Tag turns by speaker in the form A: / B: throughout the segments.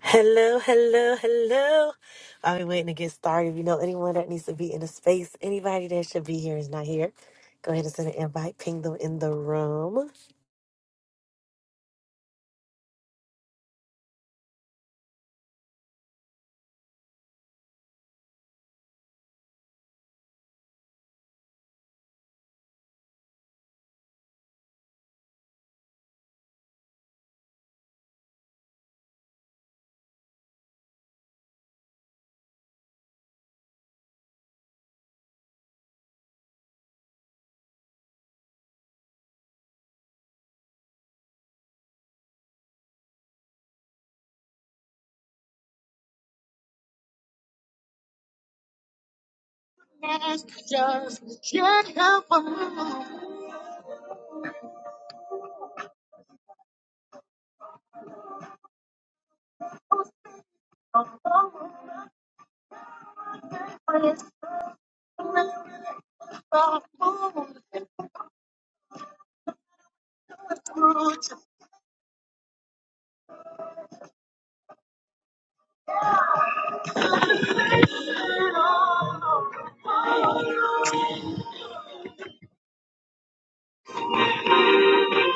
A: Hello, hello, hello. I've been waiting to get started. If you know anyone that needs to be in a space, anybody that should be here is not here. Go ahead and send an invite, ping them in the room.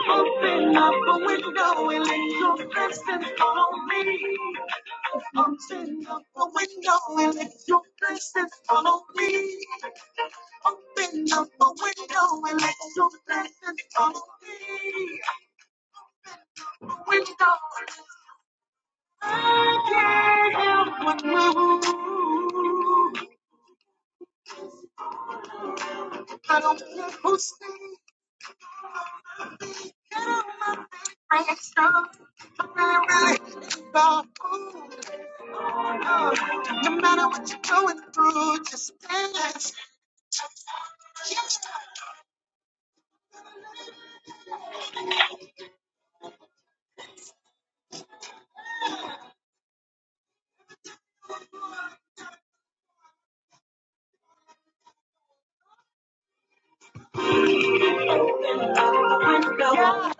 B: Open up a window and let your blessings follow me. Open up a window and let your window.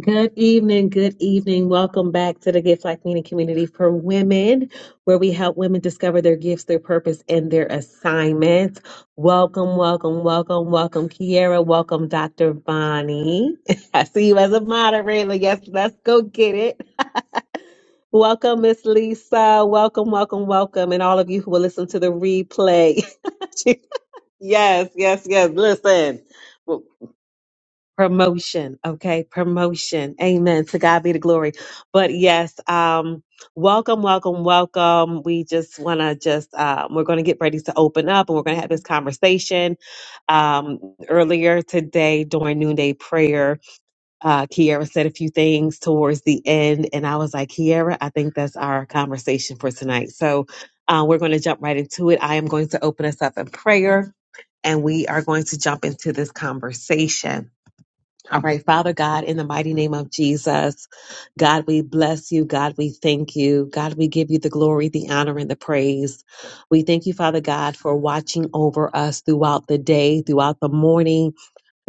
B: Good evening, good evening. Welcome back to the Gift Like Meaning Community for Women, where we help women discover their gifts, their purpose, and their assignments. Welcome, welcome, welcome, welcome, Kiara. Welcome, Dr. Bonnie. I see you as a moderator. Yes, let's go get it. Welcome, Miss Lisa. Welcome, welcome, welcome. And all of you who will listen to the replay. yes, yes, yes. Listen. Well, Promotion. Okay. Promotion. Amen. To God be the glory. But yes, um, welcome, welcome, welcome. We just want to just, um, we're going to get ready to open up and we're going to have this conversation um, earlier today during noonday prayer uh, Kiara said a few things towards the end, and I was like, Kiara, I think that's our conversation for tonight. So uh, we're going to jump right into it. I am going to open us up in prayer, and we are going to jump into this conversation. All right, Father God, in the mighty name of Jesus, God, we bless you. God, we thank you. God, we give you the glory, the honor, and the praise. We thank you, Father God, for watching over us throughout the day, throughout the morning,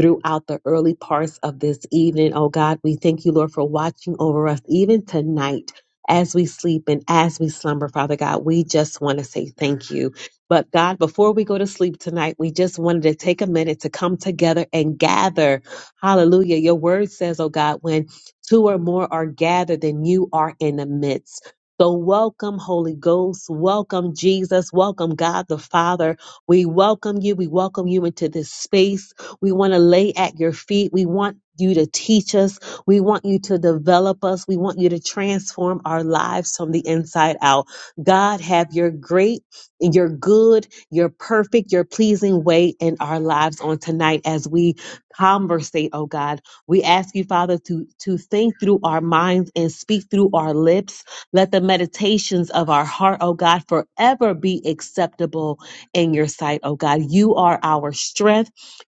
B: throughout the early parts of this evening. Oh God, we thank you, Lord, for watching over us even tonight as we sleep and as we slumber, Father God. We just want to say thank you. But God, before we go to sleep tonight, we just wanted to take a minute to come together and gather. Hallelujah. Your word says, oh God, when two or more are gathered, then you are in the midst. So welcome, Holy Ghost. Welcome, Jesus. Welcome, God the Father. We welcome you. We welcome you into this space. We want to lay at your feet. We want you to teach us. We want you to develop us. We want you to transform our lives from the inside out. God, have your great, your good, your perfect, your pleasing way in our lives on tonight as we conversate, oh God. We ask you, Father, to, to think through our minds and speak through our lips. Let the meditations of our heart, oh God, forever be acceptable in your sight, oh God. You are our strength.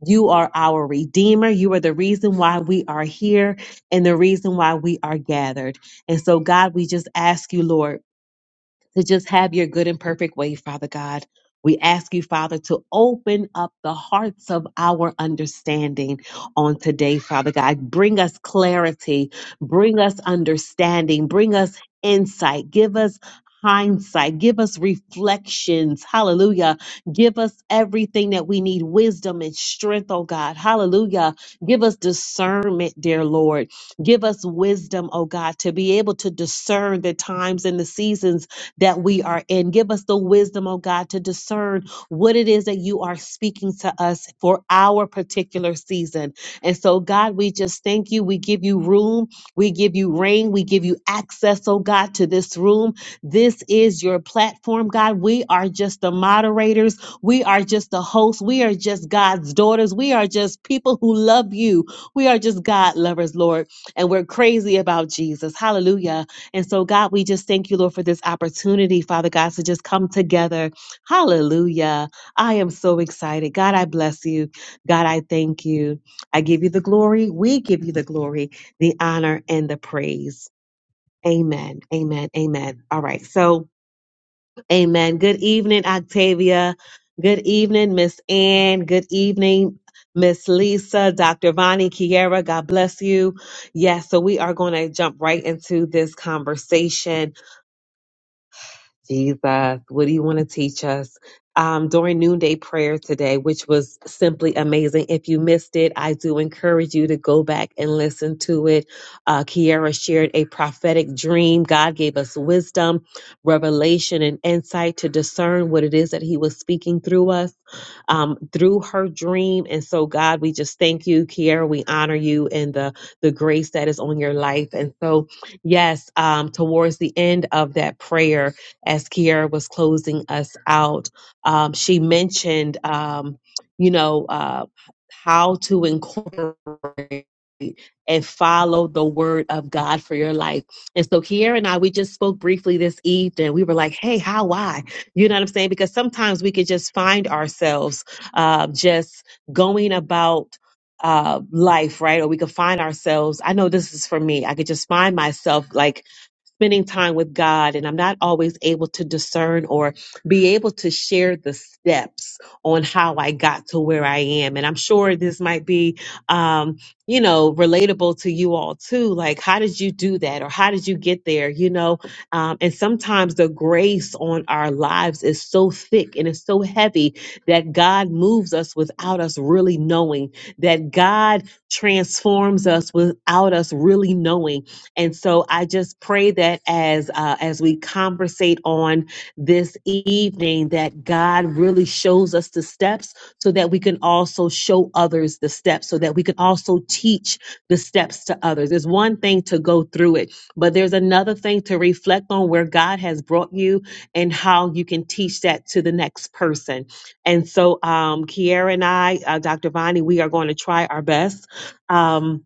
B: You are our Redeemer. You are the reason why we are here and the reason why we are gathered. And so, God, we just ask you, Lord to just have your good and perfect way, Father God. We ask you, Father, to open up the hearts of our understanding on today, Father God. Bring us clarity, bring us understanding, bring us insight, give us hindsight, give us reflections. Hallelujah. Give us everything that we need wisdom and strength, oh God. Hallelujah. Give us discernment, dear Lord. Give us wisdom, oh God, to be able to discern the times and the seasons that we are in. Give us the wisdom, oh God, to discern what it is that you are speaking to us for our particular season. And so, God, we just thank you. We give you room. We give you reign. We give you access, oh God, to this room. This is your platform, God. We are just the moderators. We are just the hosts. We are just God's daughters. We are just people who love you. We are just God lovers, Lord. And we're crazy about Jesus. Hallelujah. And so, God, we just thank you, Lord, for this opportunity, Father God, to just come together. Hallelujah. I am so excited. God, I bless you. God, I thank you. I give you the glory. We give you the glory, the honor, and the praise. Amen. Amen. Amen. All right. So, amen. Good evening, Octavia. Good evening, Miss Ann. Good evening, Miss Lisa, Dr. Vonnie, Kiera. God bless you. Yes. So, we are going to jump right into this conversation Jesus, what do you want to teach us? Um, during noonday prayer today, which was simply amazing. If you missed it, I do encourage you to go back and listen to it. Uh, Kiara shared a prophetic dream. God gave us wisdom, revelation, and insight to discern what it is that He was speaking through us um, through her dream. And so, God, we just thank you, Kiara. We honor you and the the grace that is on your life. And so, yes, um, towards the end of that prayer as Kiara was closing us out, um, she mentioned, um, you know, uh, how to incorporate and follow the word of God for your life. And so Kiara and I, we just spoke briefly this evening. We were like, hey, how, why? You know what I'm saying? Because sometimes we could just find ourselves uh, just going about uh life right or we could find ourselves i know this is for me i could just find myself like spending time with God and I'm not always able to discern or be able to share the steps on how I got to where I am. And I'm sure this might be, um, you know, relatable to you all too. Like, how did you do that? Or how did you get there? You know, um, and sometimes the grace on our lives is so thick and it's so heavy that God moves us without us really knowing, that God transforms us without us really knowing and so I just pray that as uh, as we conversate on this evening, that God really shows us the steps so that we can also show others the steps, so that we can also teach the steps to others. It's one thing to go through it, but there's another thing to reflect on where God has brought you and how you can teach that to the next person. And so, um, Kiara and I, uh, Dr. Vani, we are going to try our best. Um,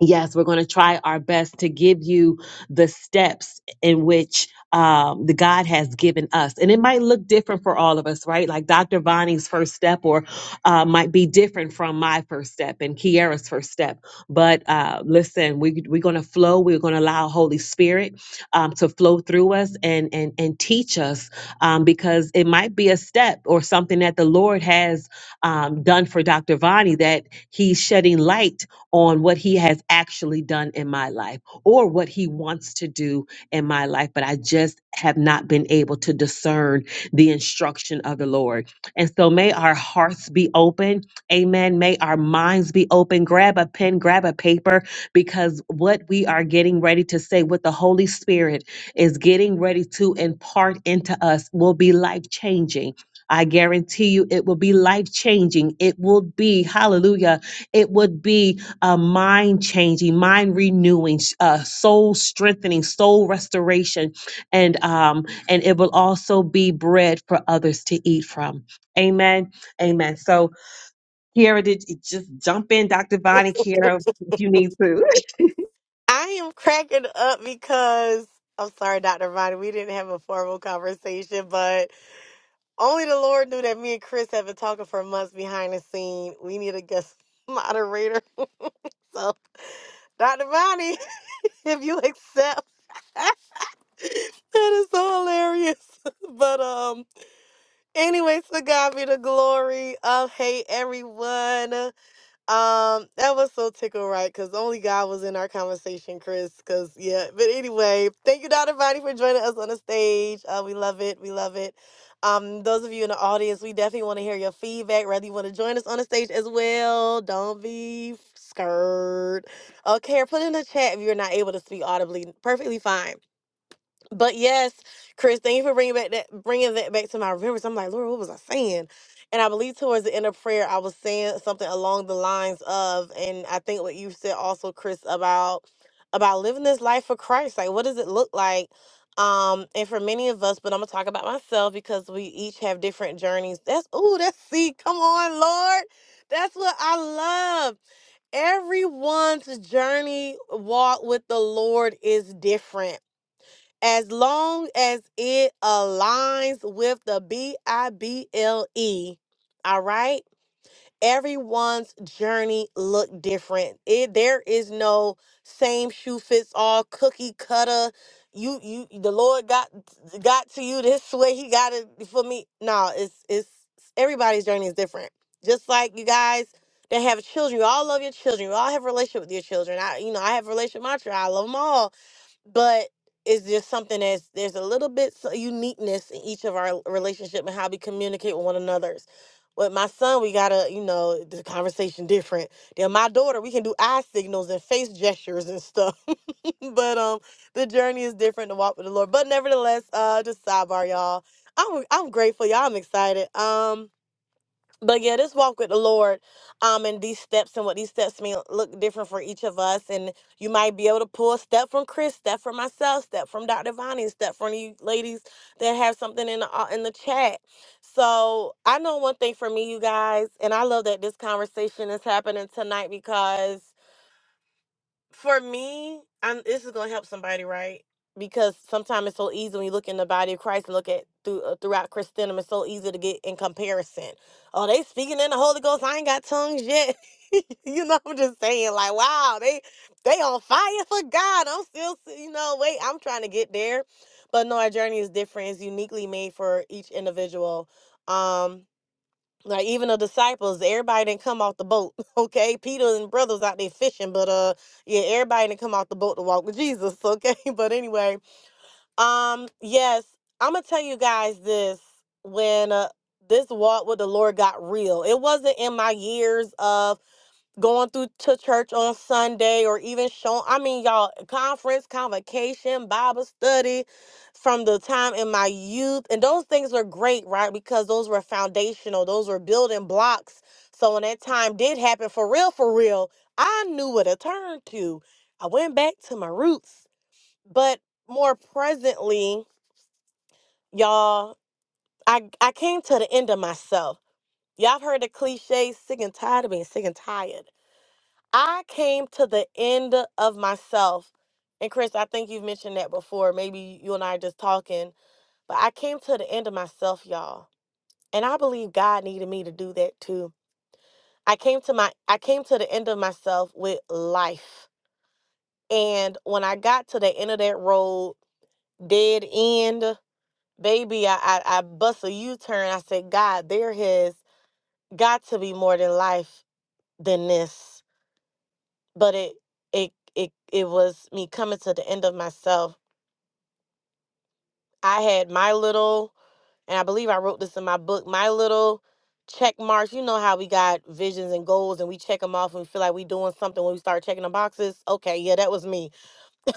B: yes, we're going to try our best to give you the steps in which um, the God has given us. And it might look different for all of us, right? Like Dr. Vonnie's first step or uh, might be different from my first step and Kiara's first step. But uh, listen, we, we're going to flow. We're going to allow Holy Spirit um, to flow through us and, and, and teach us um, because it might be a step or something that the Lord has um, done for Dr. Vonnie that he's shedding light on what he has actually done in my life or what he wants to do in my life, but I just have not been able to discern the instruction of the Lord. And so may our hearts be open. Amen. May our minds be open. Grab a pen, grab a paper, because what we are getting ready to say, what the Holy Spirit is getting ready to impart into us, will be life changing. I guarantee you it will be life changing. It will be, hallelujah, it would be a mind changing, mind renewing, sh- uh, soul strengthening, soul restoration, and um, and it will also be bread for others to eat from. Amen. Amen. So, Kiara, did you just jump in, Dr. Bonnie, Kiara, if you need to.
A: I am cracking up because I'm sorry, Dr. Vine, we didn't have a formal conversation, but only the Lord knew that me and Chris have been talking for months behind the scene. We need a guest moderator. So, Dr. Bonnie, if you accept, that is so hilarious. But, um. Anyways, to God be the glory of hey everyone. Um, that was so tickle right because only God was in our conversation, Chris. Cause yeah, but anyway, thank you, Dr. Bonnie, for joining us on the stage. Uh, we love it, we love it. Um, those of you in the audience, we definitely want to hear your feedback. Whether you want to join us on the stage as well, don't be scared. Okay, or put in the chat if you're not able to speak audibly. Perfectly fine. But yes, Chris, thank you for bringing back that bringing that back to my remembrance. I'm like, Lord, what was I saying? And I believe towards the end of prayer, I was saying something along the lines of, and I think what you said also, Chris, about about living this life for Christ. Like, what does it look like? Um, and for many of us, but I'm gonna talk about myself because we each have different journeys. That's ooh, that's see, come on, Lord. That's what I love. Everyone's journey walk with the Lord is different as long as it aligns with the B I B L E. All right? Everyone's journey look different. It there is no same shoe fits all cookie cutter. You you the Lord got got to you this way. He got it for me. No, it's it's everybody's journey is different. Just like you guys that have children, you all love your children. You all have a relationship with your children. I you know, I have a relationship with my children. I love them all but it's just something that's there's a little bit so uniqueness in each of our relationship and how we communicate with one another's. With my son, we gotta, you know, the conversation different. Then my daughter, we can do eye signals and face gestures and stuff. but um, the journey is different to walk with the Lord. But nevertheless, uh, just sidebar, y'all. I'm I'm grateful, y'all. I'm excited. Um, but yeah, this walk with the Lord, um, and these steps and what these steps mean look different for each of us. And you might be able to pull a step from Chris, step from myself, step from Dr. Vonnie, step from you ladies that have something in the au- in the chat. So I know one thing for me, you guys, and I love that this conversation is happening tonight because for me, I'm, this is gonna help somebody, right? Because sometimes it's so easy when you look in the body of Christ and look at through, uh, throughout Christendom, it's so easy to get in comparison. Oh, they speaking in the Holy Ghost. I ain't got tongues yet. you know, I'm just saying, like, wow, they they on fire for God. I'm still, you know, wait, I'm trying to get there, but no, our journey is different. It's uniquely made for each individual. Um, like even the disciples, everybody didn't come off the boat. Okay, Peter and brothers out there fishing, but uh, yeah, everybody didn't come off the boat to walk with Jesus. Okay, but anyway, um, yes, I'm gonna tell you guys this when uh, this walk with the Lord got real. It wasn't in my years of going through to church on Sunday or even showing I mean y'all conference, convocation, Bible study from the time in my youth and those things were great, right? Because those were foundational, those were building blocks. So when that time did happen for real for real, I knew what to turn to. I went back to my roots. But more presently, y'all, I I came to the end of myself. Y'all have heard the cliche, sick and tired of being sick and tired. I came to the end of myself. And Chris, I think you've mentioned that before. Maybe you and I are just talking, but I came to the end of myself, y'all. And I believe God needed me to do that too. I came to my I came to the end of myself with life. And when I got to the end of that road, dead end, baby, I I, I bust a U-turn. I said, God, there has got to be more than life than this but it it it it was me coming to the end of myself. I had my little, and I believe I wrote this in my book, my little check marks. You know how we got visions and goals, and we check them off, and we feel like we doing something when we start checking the boxes. Okay, yeah, that was me.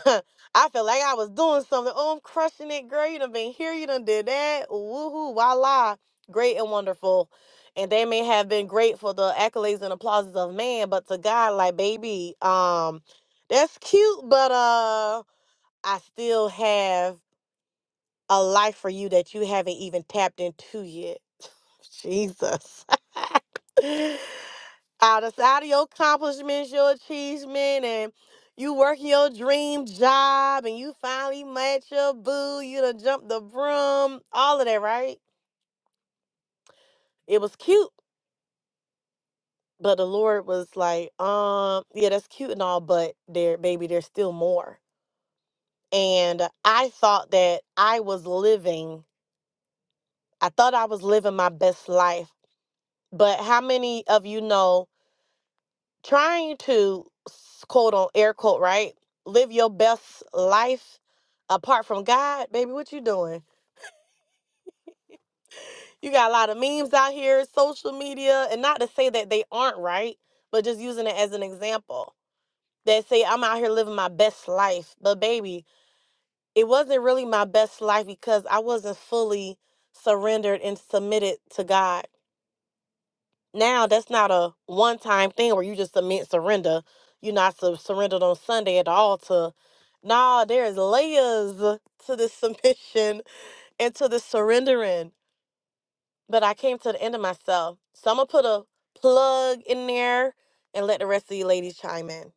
A: I felt like I was doing something. Oh, I'm crushing it, girl. You done been here. You done did that. Woohoo, voila. Great and wonderful. And they may have been great for the accolades and applauses of man, but to God, like, baby, um, that's cute, but uh I still have a life for you that you haven't even tapped into yet. Jesus. out of out of your accomplishments, your achievement, and you working your dream job, and you finally met your boo, you done jumped the broom, all of that, right? It was cute, but the Lord was like, um, yeah, that's cute and all, but there, baby, there's still more. And I thought that I was living, I thought I was living my best life But how many of you know trying to s- quote on air quote, right? Live your best life apart from God, baby, what you doing? You got a lot of memes out here, social media, and not to say that they aren't right, but just using it as an example. That say I'm out here living my best life, but baby, it wasn't really my best life because I wasn't fully surrendered and submitted to God. now that's not a one time thing where you just submit surrender. You're not su- surrendered on Sunday at the altar. Nah, there's layers to this submission and to the surrendering. But I came to the end of myself. So I'm gonna put a plug in there and let the rest of you ladies chime in.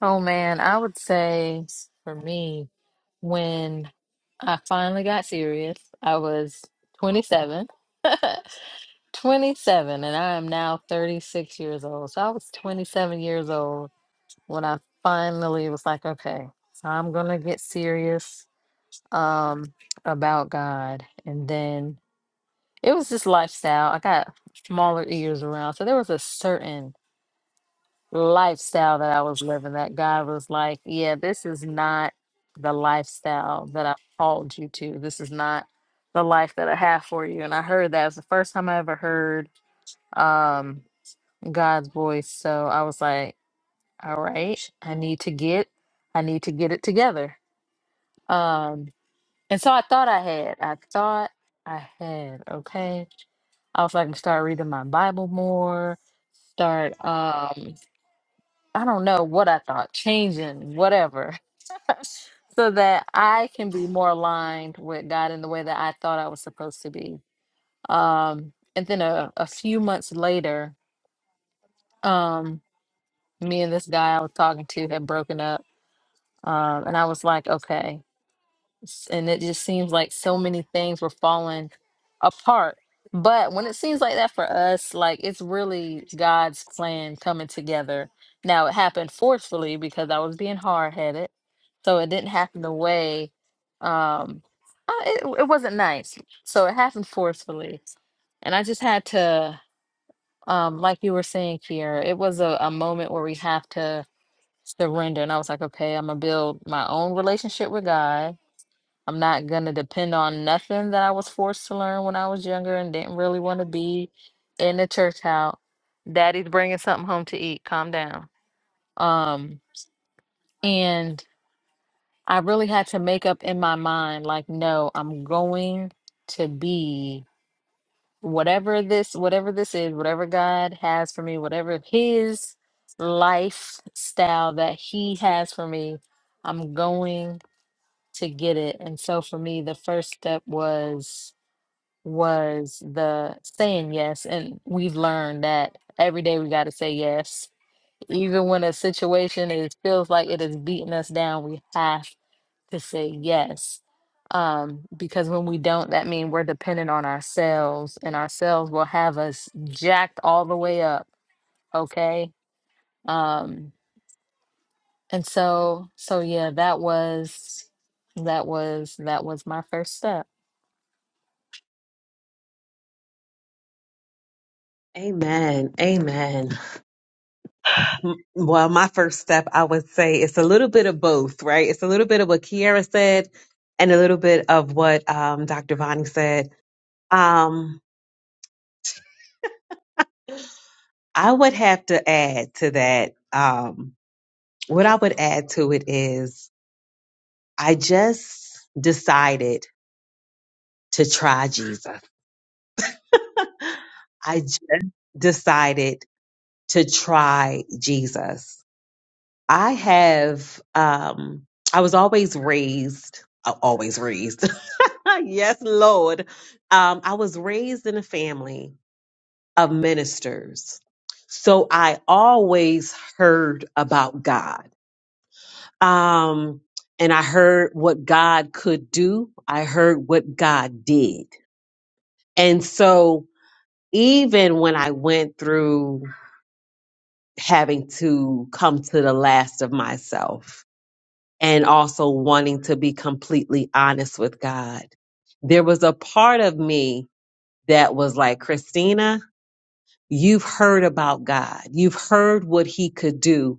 C: Oh man, I would say for me, when I finally got serious, I was 27. 27, and I am now 36 years old. So I was 27 years old when I finally was like, okay, so I'm gonna get serious um about God. And then it was just lifestyle. I got smaller ears around. So there was a certain lifestyle that I was living that God was like, yeah, this is not the lifestyle that I called you to. This is not the life that I have for you. And I heard that. It was the first time I ever heard um God's voice. So I was like, all right, I need to get I need to get it together. Um and so I thought I had. I thought I had, okay. I was like, start reading my Bible more, start um I don't know what I thought, changing, whatever, so that I can be more aligned with God in the way that I thought I was supposed to be. Um, and then a, a few months later, um, me and this guy I was talking to had broken up. Um, and I was like, okay, s- and it just seems like so many things were falling apart. But when it seems like that for us, like it's really God's plan coming together. Now it happened forcefully because I was being hard headed, so it didn't happen the way um uh, it, it wasn't nice. So it happened forcefully, and I just had to, um, like you were saying, Kier, it was a, a moment where we have to surrender, and I was like, okay, I'm gonna build my own relationship with God I'm not going to depend on nothing that I was forced to learn when I was younger and didn't really want to be in the church house. Daddy's bringing something home to eat. Calm down. Um, and I really had to make up in my mind, like, no, I'm going to be whatever this, whatever this is, whatever God has for me, whatever His lifestyle that He has for me, I'm going to get it. And so for me, the first step was was the saying yes. And we've learned that every day we got to say yes. Even when a situation is feels like it is beating us down, we have to say yes. Um, because when we don't, that means we're dependent on ourselves, and ourselves will have us jacked all the way up. Okay. Um, and so, so yeah, that was, that was, that was my first step.
B: Amen. Amen. M- Well, my first step, I would say it's a little bit of both, right? It's a little bit of what Kiara said and a little bit of what um, Dr. Bonnie said. Um, I would have to add to that. Um, what I would add to it is I just decided to try Jesus. I just decided to try Jesus. I have, um, I was always raised, uh, always raised. yes, Lord. Um, I was raised in a family of ministers. So I always heard about God. um, and I heard what God could do. I heard what God did. And so even when I went through having to come to the last of myself and also wanting to be completely honest with God, there was a part of me that was like, Christina, you've heard about God. You've heard what he could do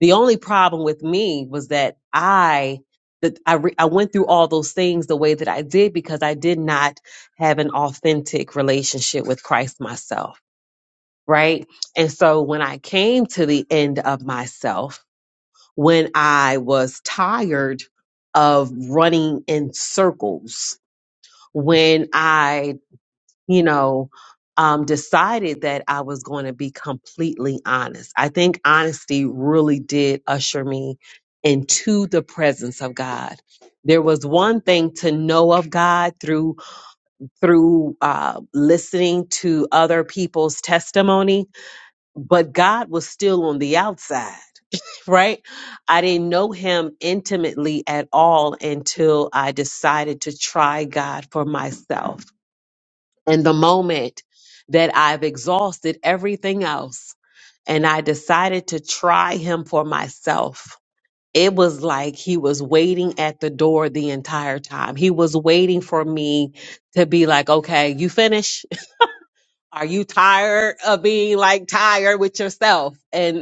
B: The only problem with me was that I that I re- I went through all those things the way that I did because I did not have an authentic relationship with Christ myself, right? And so when I came to the end of myself, when I was tired of running in circles, when I you know, um, decided that I was going to be completely honest. I think honesty really did usher me into the presence of God. There was one thing to know of God through through uh, listening to other people's testimony, but God was still on the outside, right? I didn't know Him intimately at all until I decided to try God for myself and the moment that I've exhausted everything else and I decided to try him for myself, it was like he was waiting at the door the entire time. He was waiting for me to be like, okay, you finish? Are you tired of being like tired with yourself? and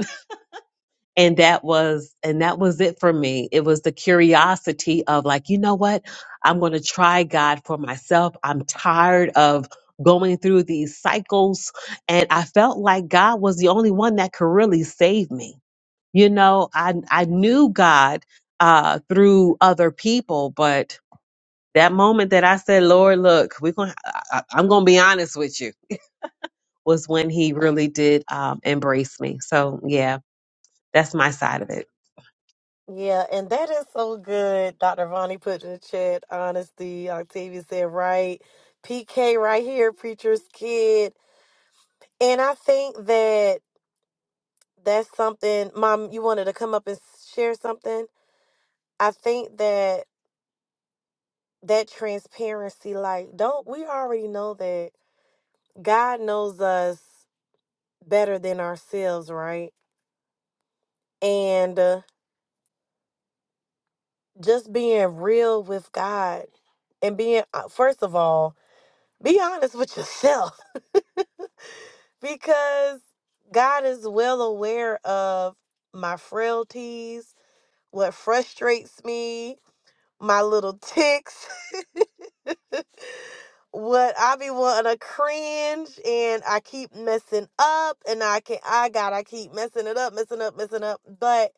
B: and that was and that was it for me it was the curiosity of like you know what i'm going to try god for myself i'm tired of going through these cycles and i felt like god was the only one that could really save me you know i i knew god uh through other people but that moment that i said lord look we're going to i'm going to be honest with you was when he really did um, embrace me so yeah that's my side of it.
A: Yeah, and that is so good. Dr. Vonnie put in the chat, honesty. Octavia said right. PK right here, preacher's kid. And I think that that's something mom you wanted to come up and share something i think that that transparency like don't we already know that god knows us better than ourselves right and uh, just being real with god and being uh, first of all be honest with yourself because god is well aware of my frailties what frustrates me my little ticks. what I be wanting to cringe and I keep messing up and I can I gotta keep messing it up, messing up, messing up. But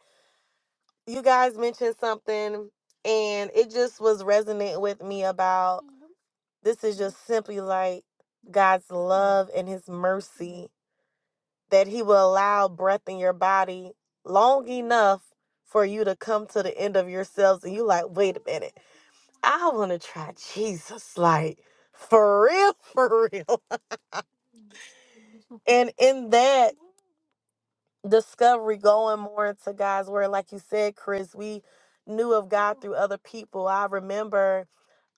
A: you guys mentioned something and it just was resonating with me about this is just simply like God's love and his mercy that he will allow breath in your body long enough for you to come to the end of yourselves and you like, wait a minute. I want to try Jesus, like for real, for real. And in that discovery, going more into God's word, like you said, Chris, we knew of God through other people. I remember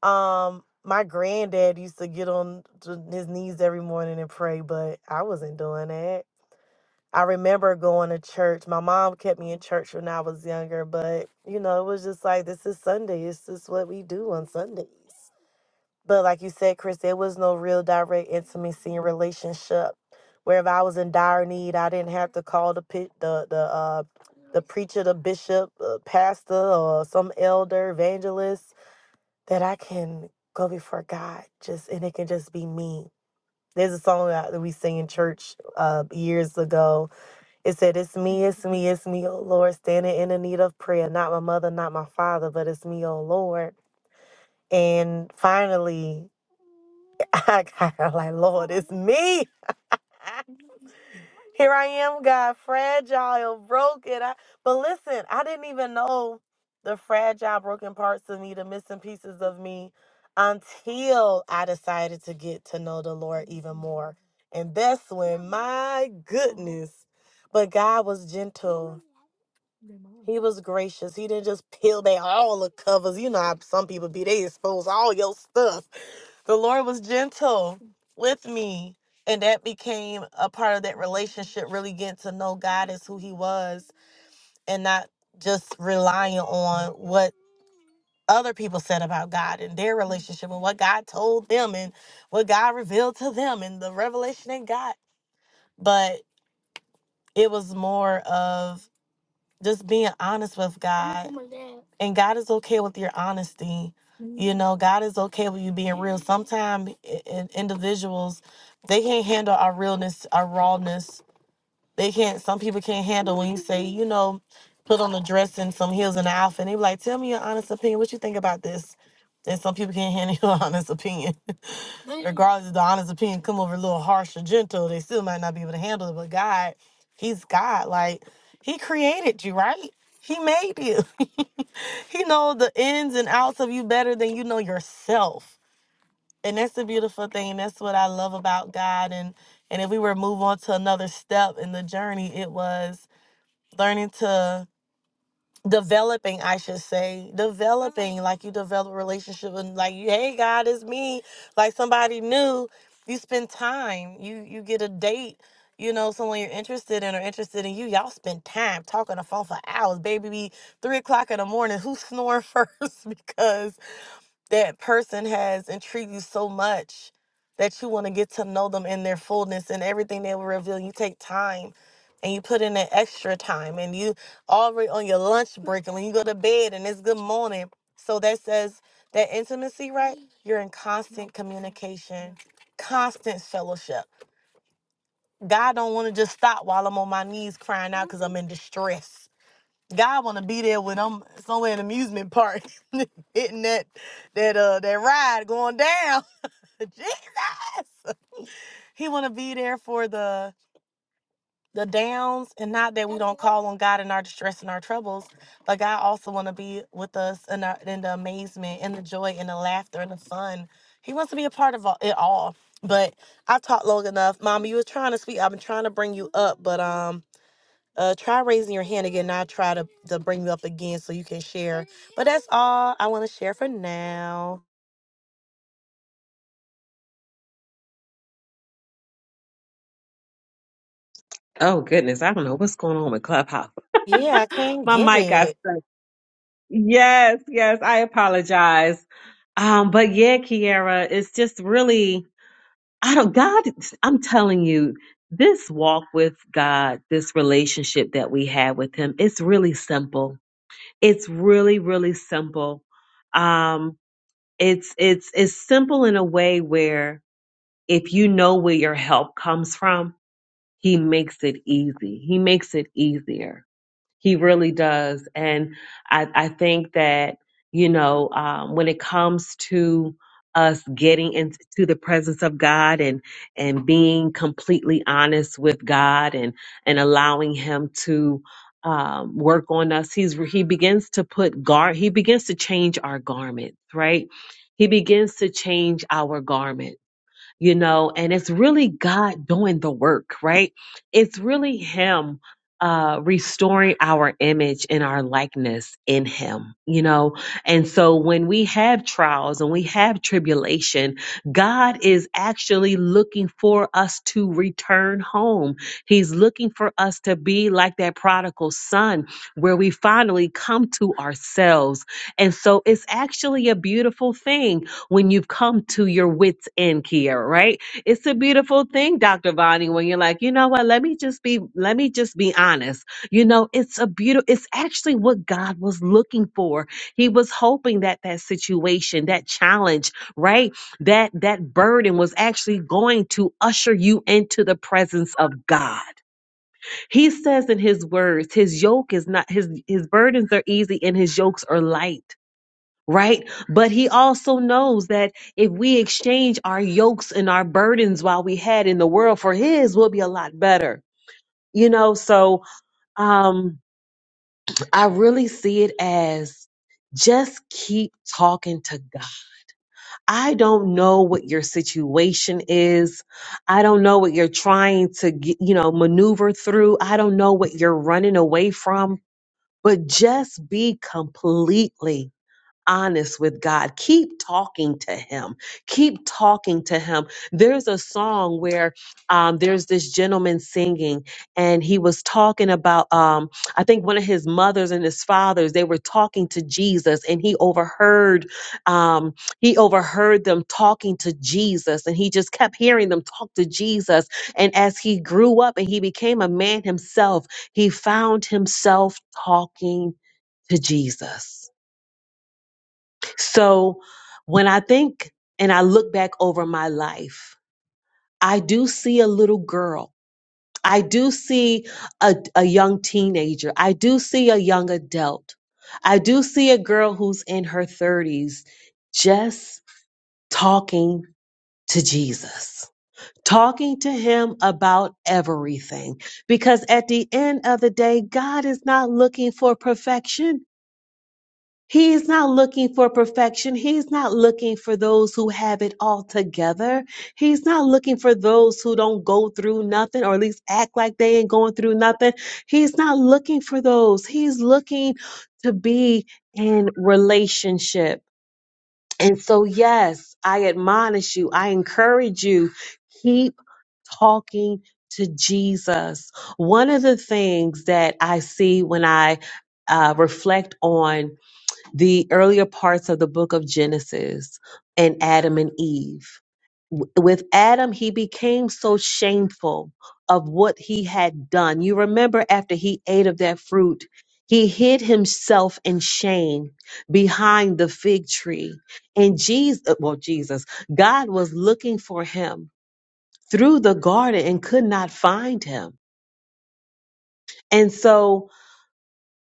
A: um my granddad used to get on to his knees every morning and pray, but I wasn't doing that. I remember going to church. My mom kept me in church when I was younger, but you know, it was just like this is Sunday. It's just what we do on Sundays. But like you said, Chris, there was no real direct intimacy in relationship. Where if I was in dire need, I didn't have to call the pit, the the uh, the preacher, the bishop, uh, pastor, or some elder, evangelist. That I can go before God, just and it can just be me. There's a song that that we sing in church uh, years ago. It said, "It's me, it's me, it's me, oh Lord, standing in the need of prayer. Not my mother, not my father, but it's me, oh Lord." And finally, I got her like, Lord, it's me. Here I am, God, fragile, broken. I, but listen, I didn't even know the fragile, broken parts of me, the missing pieces of me, until I decided to get to know the Lord even more. And that's when, my goodness, but God was gentle. He was gracious. He didn't just peel back all the covers. You know how some people be, they expose all your stuff The Lord was gentle with me. And that became a part of that relationship, really getting to know God as who He was and not just relying on what other people said about God and their relationship and what God told them and what God revealed to them and the revelation they got. But it was more of just being honest with God. And God is okay with your honesty. You know, God is okay with you being real. Sometimes individuals, they can't handle our realness, our rawness. They can't, some people can't handle when you say, you know, put on a dress and some heels and an outfit. And they be like, tell me your honest opinion. What you think about this? And some people can't handle your honest opinion. Mm. Regardless of the honest opinion come over a little harsh or gentle, they still might not be able to handle it. But God, He's God. Like He created you, right? He made you. he knows the ins and outs of you better than you know yourself. And that's the beautiful thing. And that's what I love about God. And and if we were to move on to another step in the journey, it was learning to developing i should say developing like you develop a relationship and like you, hey god it's me like somebody new you spend time you you get a date you know someone you're interested in or interested in you y'all spend time talking on the phone for hours baby be three o'clock in the morning who's snoring first because that person has intrigued you so much that you want to get to know them in their fullness and everything they will reveal. You take time and you put in that extra time and you already on your lunch break and when you go to bed and it's good morning. So that says that intimacy, right? You're in constant communication, constant fellowship. God don't want to just stop while I'm on my knees crying out because I'm in distress. God want to be there when I'm somewhere in an amusement park, hitting that that uh that ride going down. Jesus, He want to be there for the the downs, and not that we don't call on God in our distress and our troubles, but God also want to be with us in, our, in the amazement, and the joy, and the laughter, and the fun. He wants to be a part of all, it all. But I talked long enough, Mama. You were trying to speak. I've been trying to bring you up, but um. Uh, try raising your hand again. I'll try to, to bring you up again so you can share. But that's all I want to share for now.
B: Oh goodness, I don't know what's going on with Clubhouse.
A: Yeah, I can't
B: My
A: get
B: mic got
A: it.
B: stuck. Yes, yes, I apologize. Um, but yeah, Kiara, it's just really I don't, God, I'm telling you, this walk with God, this relationship that we have with Him, it's really simple. It's really, really simple. Um, it's, it's, it's simple in a way where if you know where your help comes from, He makes it easy. He makes it easier he really does. And I, I think that, you know, um, when it comes to us getting into the presence of God and and being completely honest with God and and allowing him to um, work on us he's he begins to put gar he begins to change our garments right he begins to change our garments you know, and it's really God doing the work, right? It's really Him uh, restoring our image and our likeness in Him, you know? And so when we have trials and we have tribulation, God is actually looking for us to return home. He's looking for us to be like that prodigal son where we finally come to ourselves. And so it's actually a beautiful thing when you've come to your wits end, Kiera, right? It's a beautiful thing, Dr. Vonnie, when you're like, you know what, let me just be, let me just be honest. You know, it's a beautiful, it's actually what God was looking for. He was hoping that that situation, that challenge, right? That, that burden was actually going to usher you into the presence of God. He says in his words, his yoke is not, his, his burdens are easy and his yokes are light right? But he also knows that if we exchange our yokes and our burdens while we had in the world for his, we'll be a lot better. You know, so um I really see it as just keep talking to God. I don't know what your situation is. I don't know what you're trying to, get, you know, maneuver through. I don't know what you're running away from, but just be completely honest with God. Keep talking to Him. Keep talking to Him. There's a song where um, there's this gentleman singing, and he was talking about, um, I think one of his mothers and his fathers, they were talking to Jesus, and he overheard, um, he overheard them talking to Jesus, and he just kept hearing them talk to Jesus. And as he grew up and he became a man himself, he found himself talking to Jesus so when I think and I look back over my life, I do see a little girl. I do see a, a young teenager. I do see a young adult. I do see a girl who's in her 30s just talking to Jesus, talking to him about everything. Because at the end of the day, God is not looking for perfection. He is not looking for perfection. He's not looking for those who have it all together. He's not looking for those who don't go through nothing or at least act like they ain't going through nothing. He's not looking for those. He's looking to be in relationship. And so, yes, I admonish you, I encourage you, keep talking to Jesus. One of the things that I see when I uh, reflect on the earlier parts of the book of Genesis and Adam and Eve. With Adam, he became so shameful of what he had done. You remember after he ate of that fruit, he hid himself in shame behind the fig tree. And Jesus, uh, well, Jesus, God was looking for him through the garden and could not find him. And so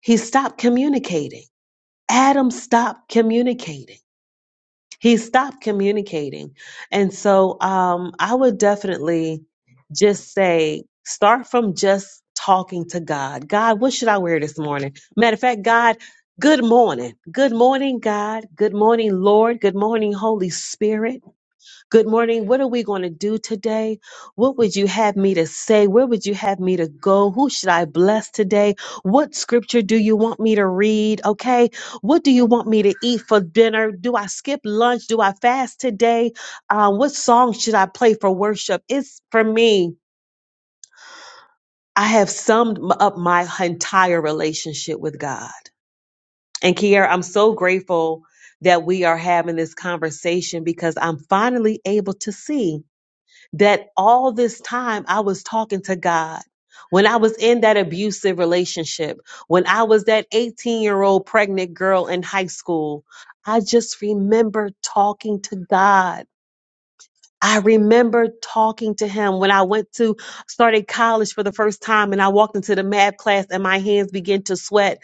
B: he stopped communicating. Adam stopped communicating he stopped communicating. And so um, I would definitely just say start from just talking to God. God, what should I wear this morning? Matter of fact, God, good morning. Good morning, God. Good morning, Lord. Good morning, Holy Spirit. Good morning. What are we going to do today? What would you have me to say? Where would you have me to go? Who should I bless today? What scripture do you want me to read? Okay. What do you want me to eat for dinner? Do I skip lunch? Do I fast today? Uh, what song should I play for worship? It's for me. I have summed m- up my entire relationship with God. And Kiara, I'm so grateful that we are having this conversation because I'm finally able to see that all this time I was talking to God. When I was in that abusive relationship, when I was that 18 year old pregnant girl in high school, I just remember talking to God. I remember talking to him when I went to started college for the first time and I walked into the math class and my hands began to sweat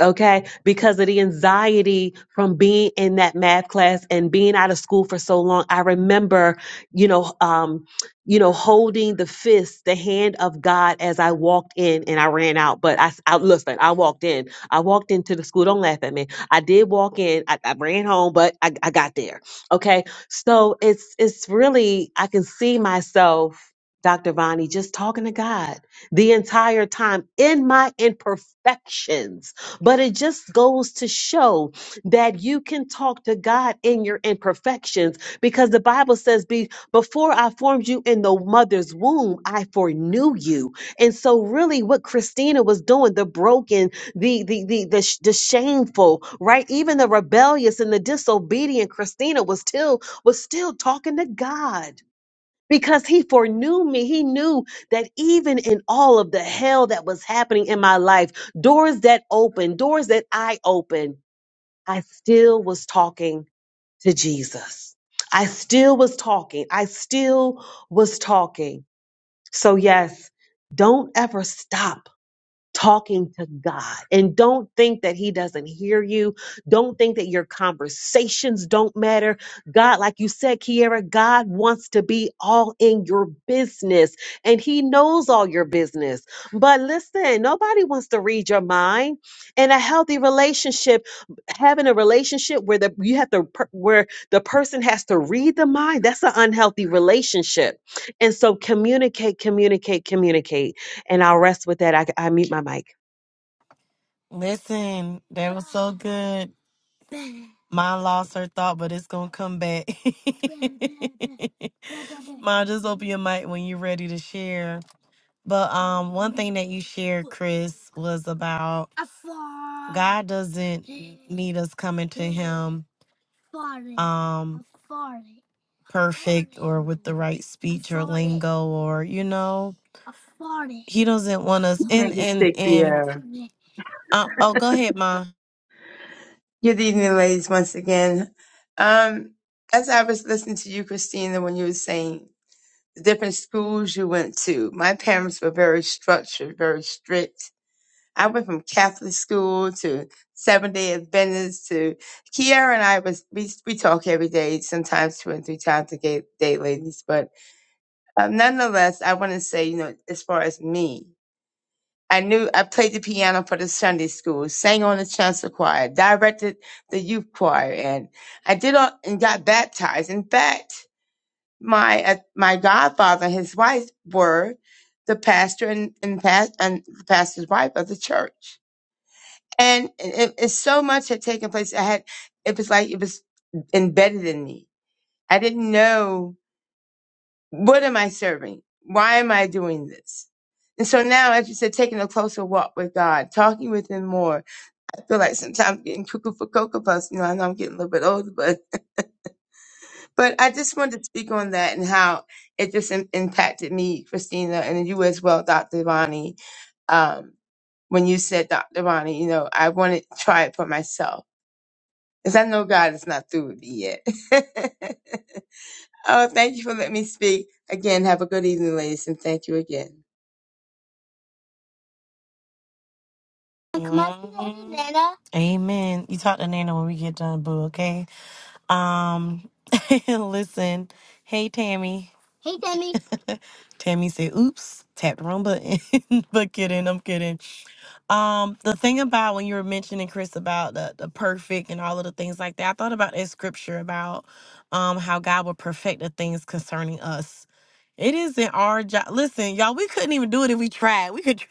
B: okay because of the anxiety from being in that math class and being out of school for so long i remember you know um you know holding the fist the hand of god as i walked in and i ran out but i, s- I- listen i walked in i walked into the school don't laugh at me i did walk in i, I ran home but I, I got there okay so it's it's really i can see myself Dr. Vani, just talking to God the entire time in my imperfections but it just goes to show that you can talk to God in your imperfections because the Bible says, Be before I formed you in the mother's womb, I foreknew you. And so really what Christina was doing, the broken, the the the the, sh- the shameful, right? Even the rebellious and the disobedient Christina was still was still talking to God because he foreknew me. He knew that even in all of the hell that was happening in my life, doors that opened, doors that I opened, I still was talking to Jesus. I still was talking. I still was talking. So, yes, don't ever stop talking to God. And don't think that He doesn't hear you. Don't think that your conversations don't matter. God, like you said, Kiara, God wants to be all in your business and He knows all your business. But listen, nobody wants to read your mind. And a healthy relationship, having a relationship where the you have to per- where the person has to read the mind, that's an unhealthy relationship. And so communicate, communicate, communicate and I'll rest with that. I, I mute my mic.
A: Listen, that was so good. Mine lost her thought, but it's gonna come back. Mom, just open your mic when you're ready to share. But um, one thing that you shared, Chris, was about God doesn't need us coming to Him. um, perfect or with the right speech or lingo or you know he doesn't want us and
D: Maybe
A: and
D: sick,
A: and
D: yeah.
A: uh, oh go ahead ma
D: Good evening, ladies, once again. Um, as I was listening to you, Christina, when you were saying the different schools you went to, my parents were very structured, very strict. I went from Catholic school to Seventh Day Adventist to Kiara and I was we we talk every day, sometimes two and three times a ga- day, ladies. But um, nonetheless, I want to say, you know, as far as me. I knew I played the piano for the Sunday school, sang on the chancel choir, directed the youth choir, and I did all and got baptized. In fact, my uh, my godfather and his wife were the pastor and and, past, and the pastor's wife of the church. And it, it's so much had taken place. I had it was like it was embedded in me. I didn't know what am I serving? Why am I doing this? And so now, as you said, taking a closer walk with God, talking with Him more, feel like sometimes getting cuckoo for cocoa puffs. You know, I know I'm getting a little bit older, but but I just wanted to speak on that and how it just im impacted me, Christina, and then you as well, Dr. Ronnie. Um, when you said Dr. Ronnie, you know, I want to try it for myself because I know God is not through with me yet. Oh, thank you for letting me speak. Again, have a good evening, ladies, and thank you again.
A: amen you talk to nana when we get done boo okay um listen hey tammy tammy said oops tap the wrong button but kidding i'm kidding Um, the thing about when you were mentioning Chris about the, the perfect and all of the things like that, I thought about that scripture about um how God will perfect the things concerning us. It isn't our job. Listen, y'all, we couldn't even do it if we tried. We could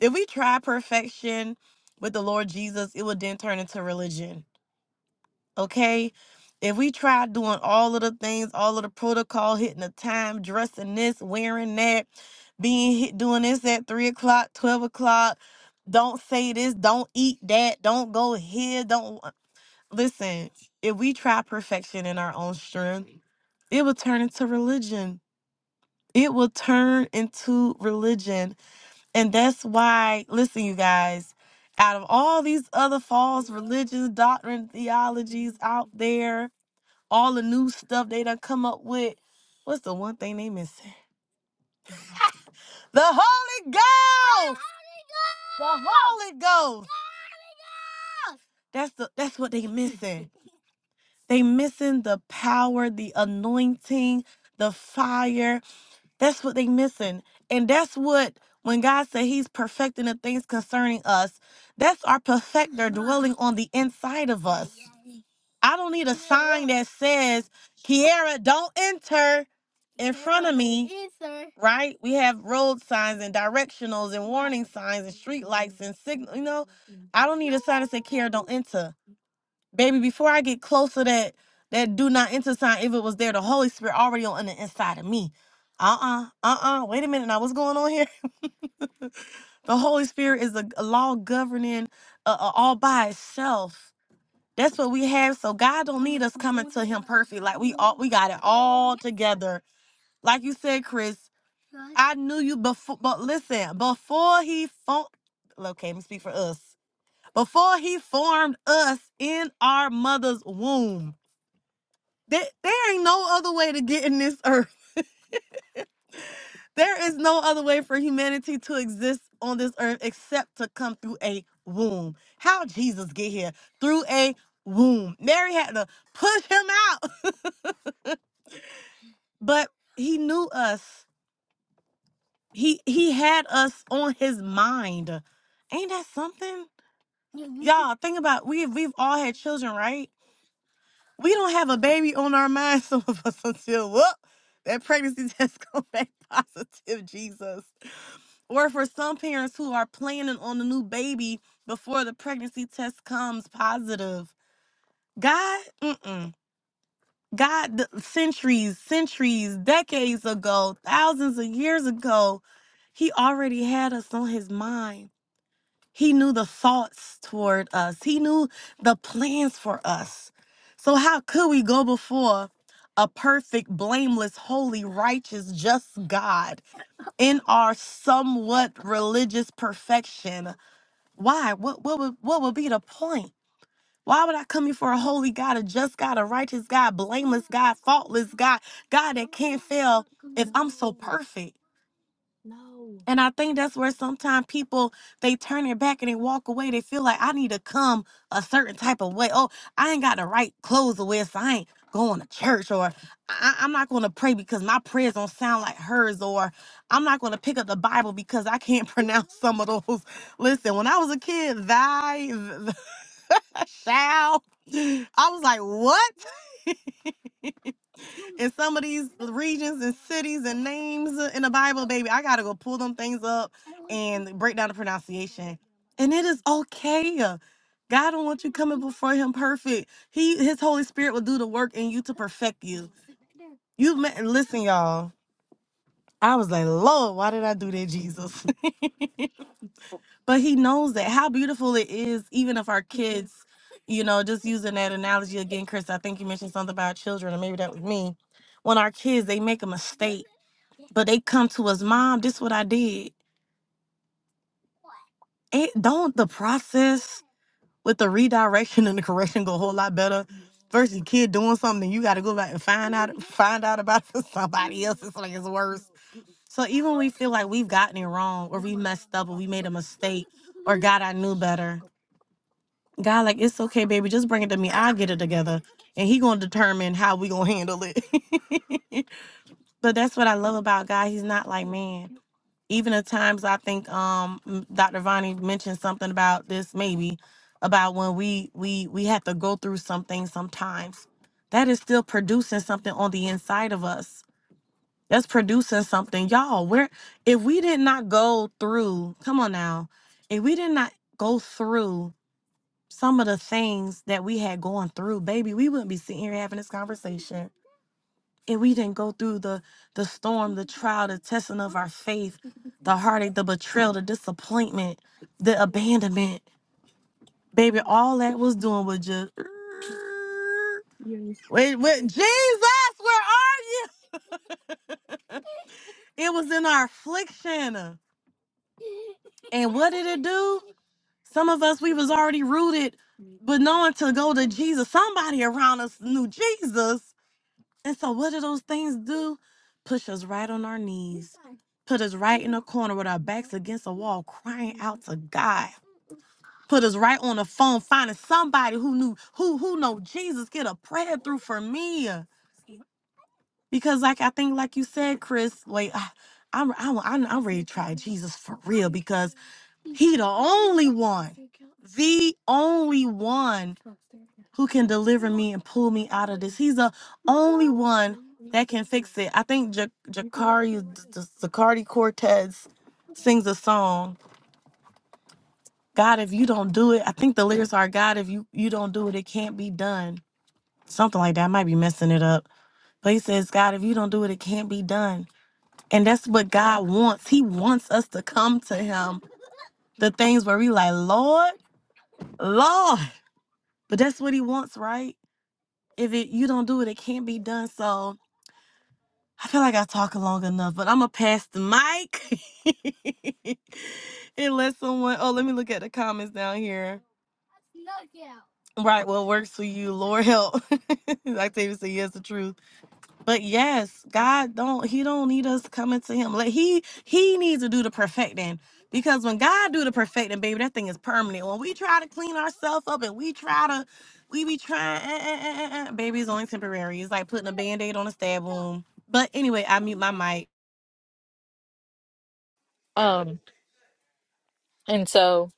A: if we try perfection with the Lord Jesus, it would then turn into religion okay? If we try doing all of the things, all of the protocol, hitting the time, dressing this, wearing that, being hit, doing this at three o'clock, twelve o'clock, don't say this, don't eat that, don't go here, don't uh, listen. If we try perfection in our own strength, it will turn into religion. It will turn into religion, and that's why. Listen, you guys. Out of all these other false religions, doctrine, theologies out there, all the new stuff they done come up with. What's the one thing they missing? The Holy Ghost. The Holy Ghost. That's the that's what they missing. They missing the power, the anointing, the fire. That's what they missing. And that's what when God said he's perfecting the things concerning us, that's our perfecter dwelling on the inside of us. I don't need a sign that says, Kiara, don't enter in front of me. Right? We have road signs and directionals and warning signs and street lights and signal. You know, I don't need a sign that says, Kiara, don't enter baby before i get close to that that do not enter sign if it was there the holy spirit already on the inside of me uh-uh uh-uh wait a minute now what's going on here the holy spirit is a, a law governing uh, uh, all by itself that's what we have so god don't need us coming to him perfect like we all we got it all together like you said chris i knew you before but listen before he formed, okay let me speak for us before he formed us in our mother's womb There, there ain't no other way to get in this earth. There is no other way for humanity to exist on this earth except to come through a womb. How Jesus get here? Through a womb. Mary had to push him out. But he knew us. He he had us on his mind. Ain't that something? Mhm. Y'all, think about we we've all had children, right? We don't have a baby on our mind, some of us until whoop, that pregnancy test come back positive, Jesus or for some parents who are planning on a new baby before the pregnancy test comes positive. God, mm-mm. God, th- centuries, centuries, decades ago, thousands of years ago, He already had us on His mind. He knew the thoughts toward us, He knew the plans for us. So, how could we go before a perfect, blameless, holy, righteous, just God in our somewhat religious perfection? Why? What what would what would be the point? Why would I come here for a holy God, a just God, a righteous God, blameless God, faultless God, God that can't fail if I'm so perfect? And I think that's where sometimes people they turn their back and they walk away. They feel like I need to come a certain type of way. Oh, I ain't got the right clothes to wear, so I ain't going to church, or I- I'm not going to pray because my prayers don't sound like hers, or I'm not going to pick up the Bible because I can't pronounce some of those. Listen, when I was a kid, thy shall, I was like, what? in some of these regions and cities and names in the Bible, baby, I gotta go pull them things up and break down the pronunciation. And it is okay. God don't want you coming before Him perfect. He, His Holy Spirit will do the work in you to perfect you. You met, listen, y'all. I was like, Lord, why did I do that, Jesus? but he knows that how beautiful it is even if our kids you know just using that analogy again chris i think you mentioned something about children or maybe that was me when our kids they make a mistake but they come to us mom this what i did it don't the process with the redirection and the correction go a whole lot better versus kid doing something you got to go back and find out find out about it somebody else it's like it's worse so even when we feel like we've gotten it wrong or we messed up or we made a mistake or god i knew better God, like, it's okay, baby. Just bring it to me. I'll get it together. And he gonna determine how we gonna handle it. but that's what I love about God. He's not like man. Even at times I think um m- Dr. Vonnie mentioned something about this maybe about when we we we have to go through something sometimes. That is still producing something on the inside of us. That's producing something. Y'all, where if we did not go through, come on now, if we did not go through some of the things that we had going through, baby, we wouldn't be sitting here having this conversation if we didn't go through the the storm, the trial, the testing of our faith, the heartache, the betrayal, the disappointment, the abandonment. Baby, all that was doing was just wait, wait, Jesus, where are you? It was in our affliction. And what did it do? Some of us we was already rooted, but knowing to go to Jesus. Somebody around us knew Jesus. And so, what do those things do? Push us right on our knees, put us right in a corner with our backs against a wall, crying out to God. Put us right on the phone, finding somebody who knew who who know Jesus. Get a prayer through for me, because like I think, like you said, Chris. Wait, I, I'm I'm I'm I'm ready to try Jesus for real because He the only one, the only one who can deliver me and pull me out of this. He's the only one that can fix it. I think Ja- Jacari Zacardi Cortez sings a song, God, if you don't do it, I think the lyrics are, God, if you, you don't do it, it can't be done. Something like that. I might be messing it up. But he says, God, if you don't do it, it can't be done. And that's what God wants. He wants us to come to him. The things where we like, Lord, Lord. But that's what he wants, right? If it you don't do it, it can't be done. So I feel like I talk long enough, but I'm gonna pass the mic and let someone. Oh, let me look at the comments down here. Right, what works for you, Lord help. Octavia said, "Yes, the truth." But yes, God don't. He don't need us coming to Him. Like He He needs to do the perfecting because when God do the perfecting, baby, that thing is permanent. When we try to clean ourselves up and we try to, we be trying, eh, eh, eh, eh, eh, baby, it's only temporary. It's like putting a band-aid on a stab wound. But anyway, I mute my mic.
C: Um, and so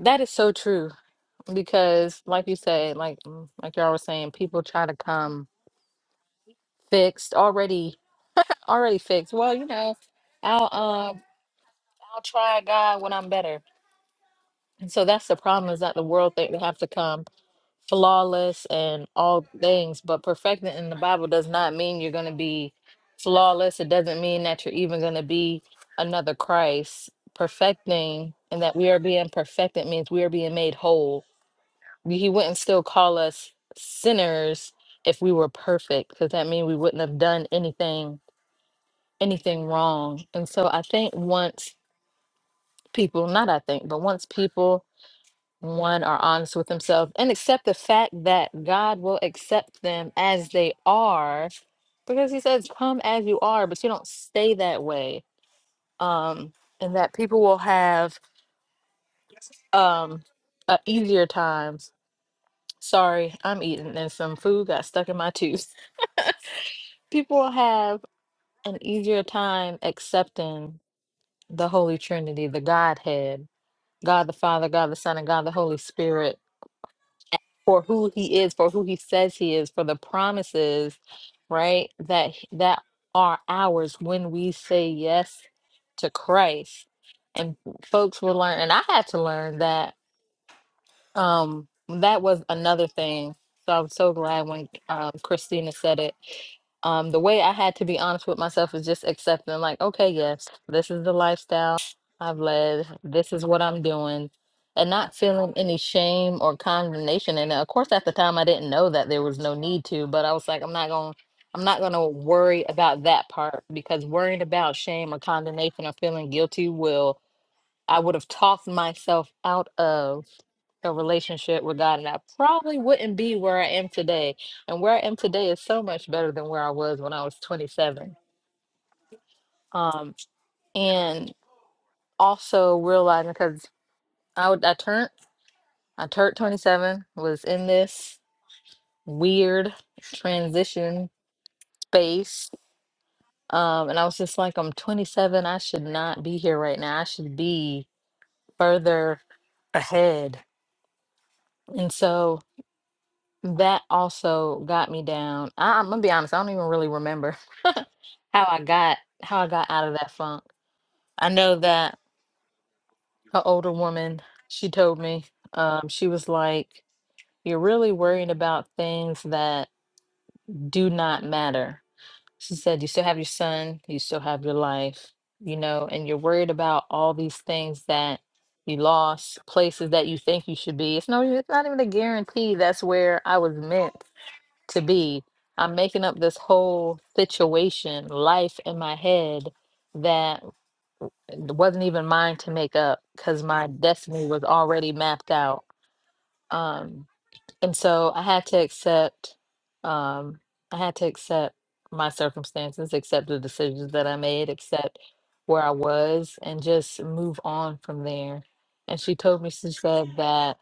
C: that is so true because like you said like mm, like y'all were saying people try to come fixed already already fixed well you know i'll um i'll try god when i'm better and so that's the problem is that the world think they have to come flawless and all things but perfected in the bible does not mean you're going to be flawless it doesn't mean that you're even going to be another christ perfecting and that we are being perfected means we are being made whole He wouldn't still call us sinners if we were perfect, because that means we wouldn't have done anything anything wrong. And so I think once people, not I think, but once people one are honest with themselves and accept the fact that God will accept them as they are, because he says, Come as you are, but you don't stay that way. Um, and that people will have um uh, easier times. Sorry, I'm eating and some food got stuck in my tooth. people have an easier time accepting the Holy Trinity, the Godhead, God the Father, God the Son, and God the Holy Spirit for who he is, for who he says he is, for the promises, right? That h- that are ours when we say yes to Christ. And folks will learn, and I had to learn that Um, that was another thing. So I'm so glad when um, Christina said it. Um, the way I had to be honest with myself is just accepting, like, okay, yes, this is the lifestyle I've led. This is what I'm doing, and not feeling any shame or condemnation. And of course, at the time, I didn't know that there was no need to, but I was like, I'm not going. to I'm not going to worry about that part because worrying about shame or condemnation or feeling guilty will I would have talked myself out of a relationship with God, and I probably wouldn't be where I am today. And where I am today is so much better than where I was when I was 27. Um, and also realizing because I would, I turned I turned 27, was in this weird transition space, um, and I was just like, I'm 27. I should not be here right now. I should be further ahead. And so That also got me down. I, I'm gonna be honest, I don't even really remember how I got how I got out of that funk. I know that an older woman, she told me, um, she was like, You're really worrying about things that do not matter. She said, You still have your son, you still have your life, you know, and you're worried about all these things that you lost, places that you think you should be. It's no, it's not even a guarantee that's where I was meant to be. I'm making up this whole situation, life in my head that wasn't even mine to make up because my destiny was already mapped out. Um, and so I had to accept, um, I had to accept my circumstances, accept the decisions that I made, accept where I was, and just move on from there. And she told me, she said that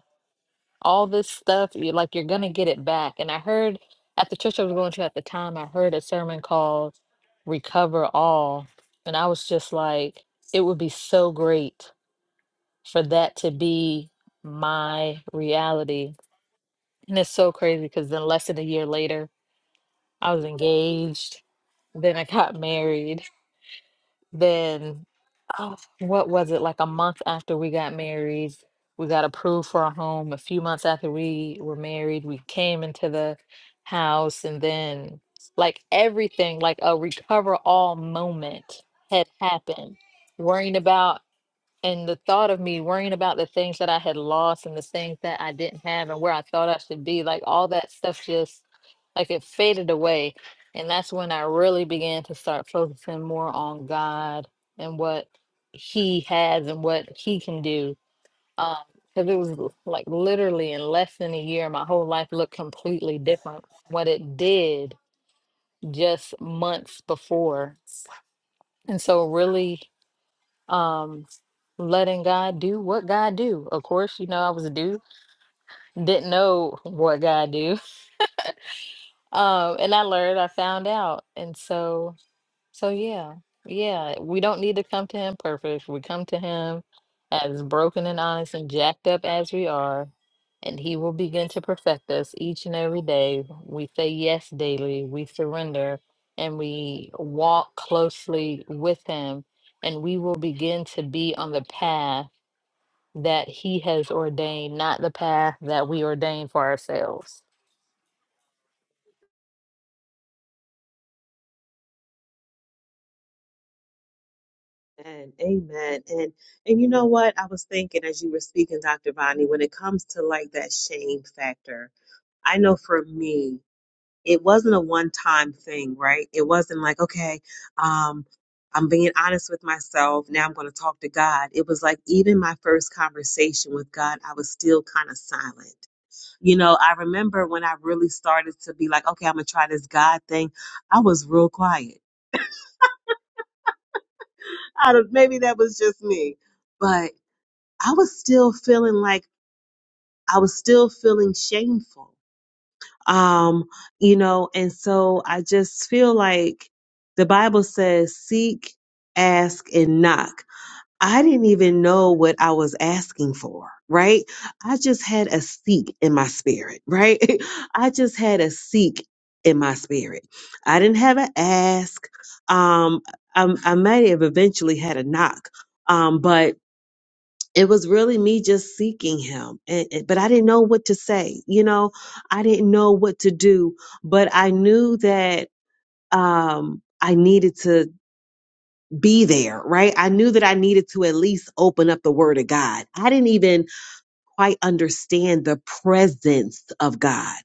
C: all this stuff you like you're gonna get it back and i heard at the church i was going to at the time i heard a sermon called recover all and i was just like it would be so great for that to be my reality and it's so crazy because then less than a year later i was engaged then i got married then, oh, what was it? Like a month after we got married, we got approved for our home. A few months after we were married, we came into the house, and then like everything, like a recover all moment had happened. Worrying about and the thought of me worrying about the things that I had lost and the things that I didn't have and where I thought I should be, like all that stuff just like it faded away. And that's when I really began to start focusing more on God and what He has and what He can do. Um, Because it was l- like literally in less than a year, my whole life looked completely different from what it did just months before. And so, really um letting God do what God do. Of course, you know I was a dude, didn't know what God do. Um and I learned, I found out. And so so yeah. Yeah, we don't need to come to him perfect. We come to him as broken and honest and jacked up as we are, and he will begin to perfect us each and every day. We say yes daily, we surrender, and we walk closely with him, and we will begin to be on the path that he has ordained, not the path that we ordain for ourselves.
B: And amen. And and you know what? I was thinking as you were speaking, Dr. Vonnie, when it comes to like that shame factor, I know for me, it wasn't a one time thing, right? It wasn't like, okay, um, I'm being honest with myself. Now I'm going to talk to God. It was like even my first conversation with God, I was still kind of silent. You know, I remember when I really started to be like, okay, I'm going to try this God thing, I was real quiet I don't, maybe that was just me, but I was still feeling like I was still feeling shameful. Um, you know, and so I just feel like the Bible says, seek, ask, and knock. I didn't even know what I was asking for, right? I just had a seek in my spirit, right? I just had a seek in my spirit. I didn't have an ask. Um, I, I might have eventually had a knock, um, but it was really me just seeking him and, and- but i didn't know what to say you know i didn't know what to do but i knew that um i needed to be there right i knew that i needed to at least open up the word of god i didn't even quite understand the presence of God.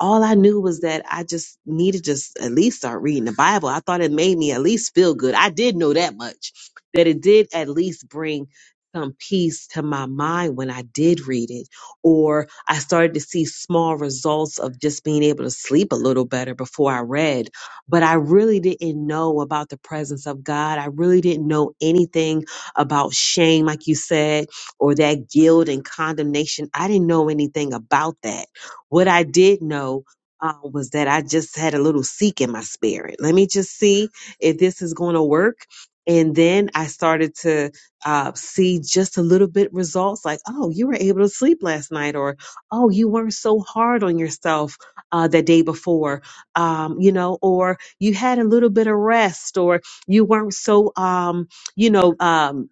B: All I knew was that I just needed to s- at least start reading the Bible. I thought it made me at least feel good. I did know that much, that it did at least bring some peace to my mind when I did read it. Or I started to see small results of just being able to sleep a little better before I read. But I really didn't know about the presence of God. I really didn't know anything about shame, like you said or that guilt and condemnation. I didn't know anything about that. What I did know uh, was that I just had a little seek in my spirit. Let me just see if this is going to work. And then I started to uh, see just a little bit results like, oh, you were able to sleep last night, or oh, you weren't so hard on yourself uh, the day before, um, you know, or you had a little bit of rest, or you weren't so, um, you know, um,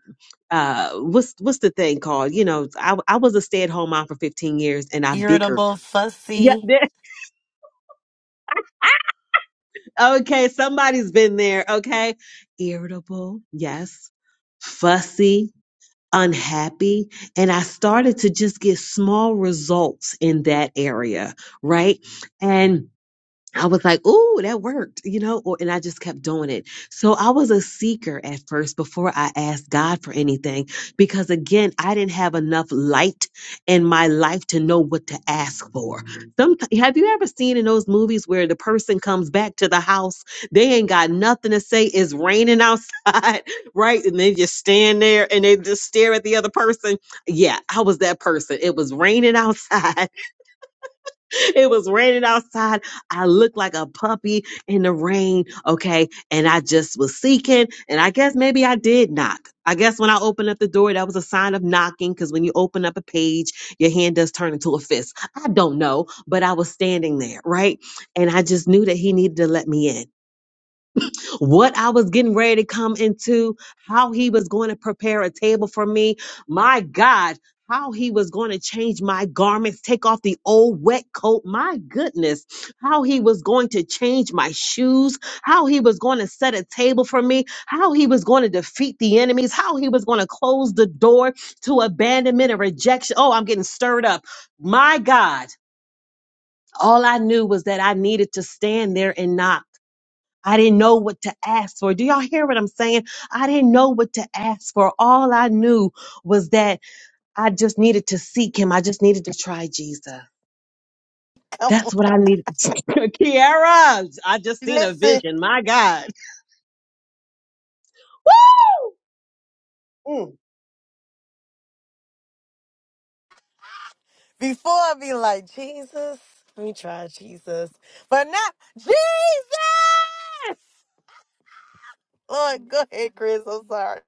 B: uh what's what's the thing called you know i, I was a stay-at-home mom for 15 years and i bicker
A: irritable,
B: yeah
A: fussy.
B: there- okay somebody's been there okay irritable yes fussy unhappy and i started to just get small results in that area right and I was like, "Ooh, that worked," you know, or, and I just kept doing it. So I was a seeker at first before I asked God for anything, because again, I didn't have enough light in my life to know what to ask for. Some, have you ever seen in those movies where the person comes back to the house, they ain't got nothing to say, it's raining outside, right? And they just stand there and they just stare at the other person. Yeah, I was that person. It was raining outside. it was raining outside. I looked like a puppy in the rain. Okay. And I just was seeking. And I guess maybe I did knock. I guess when I opened up the door, that was a sign of knocking because when you open up a page, your hand does turn into a fist. I don't know, but I was standing there, right? And I just knew that he needed to let me in what I was getting ready to come into, how he was going to prepare a table for me. My God, how he was going to change my garments, take off the old wet coat. My goodness, how he was going to change my shoes, how he was going to set a table for me, how he was going to defeat the enemies, how he was going to close the door to abandonment and rejection. Oh, I'm getting stirred up. My God. All I knew was that I needed to stand there and knock. I didn't know what to ask for. Do y'all hear what I'm saying? I didn't know what to ask for. All I knew was that I just needed to seek him. I just needed to try Jesus.
A: Come on.
B: That's what I needed. Kiara, I just seen a
A: Listen,
B: vision. My God. Woo! Mm,
A: before I be like, Jesus, let me try Jesus. But now, Jesus! Lord, go ahead, Chris. I'm sorry.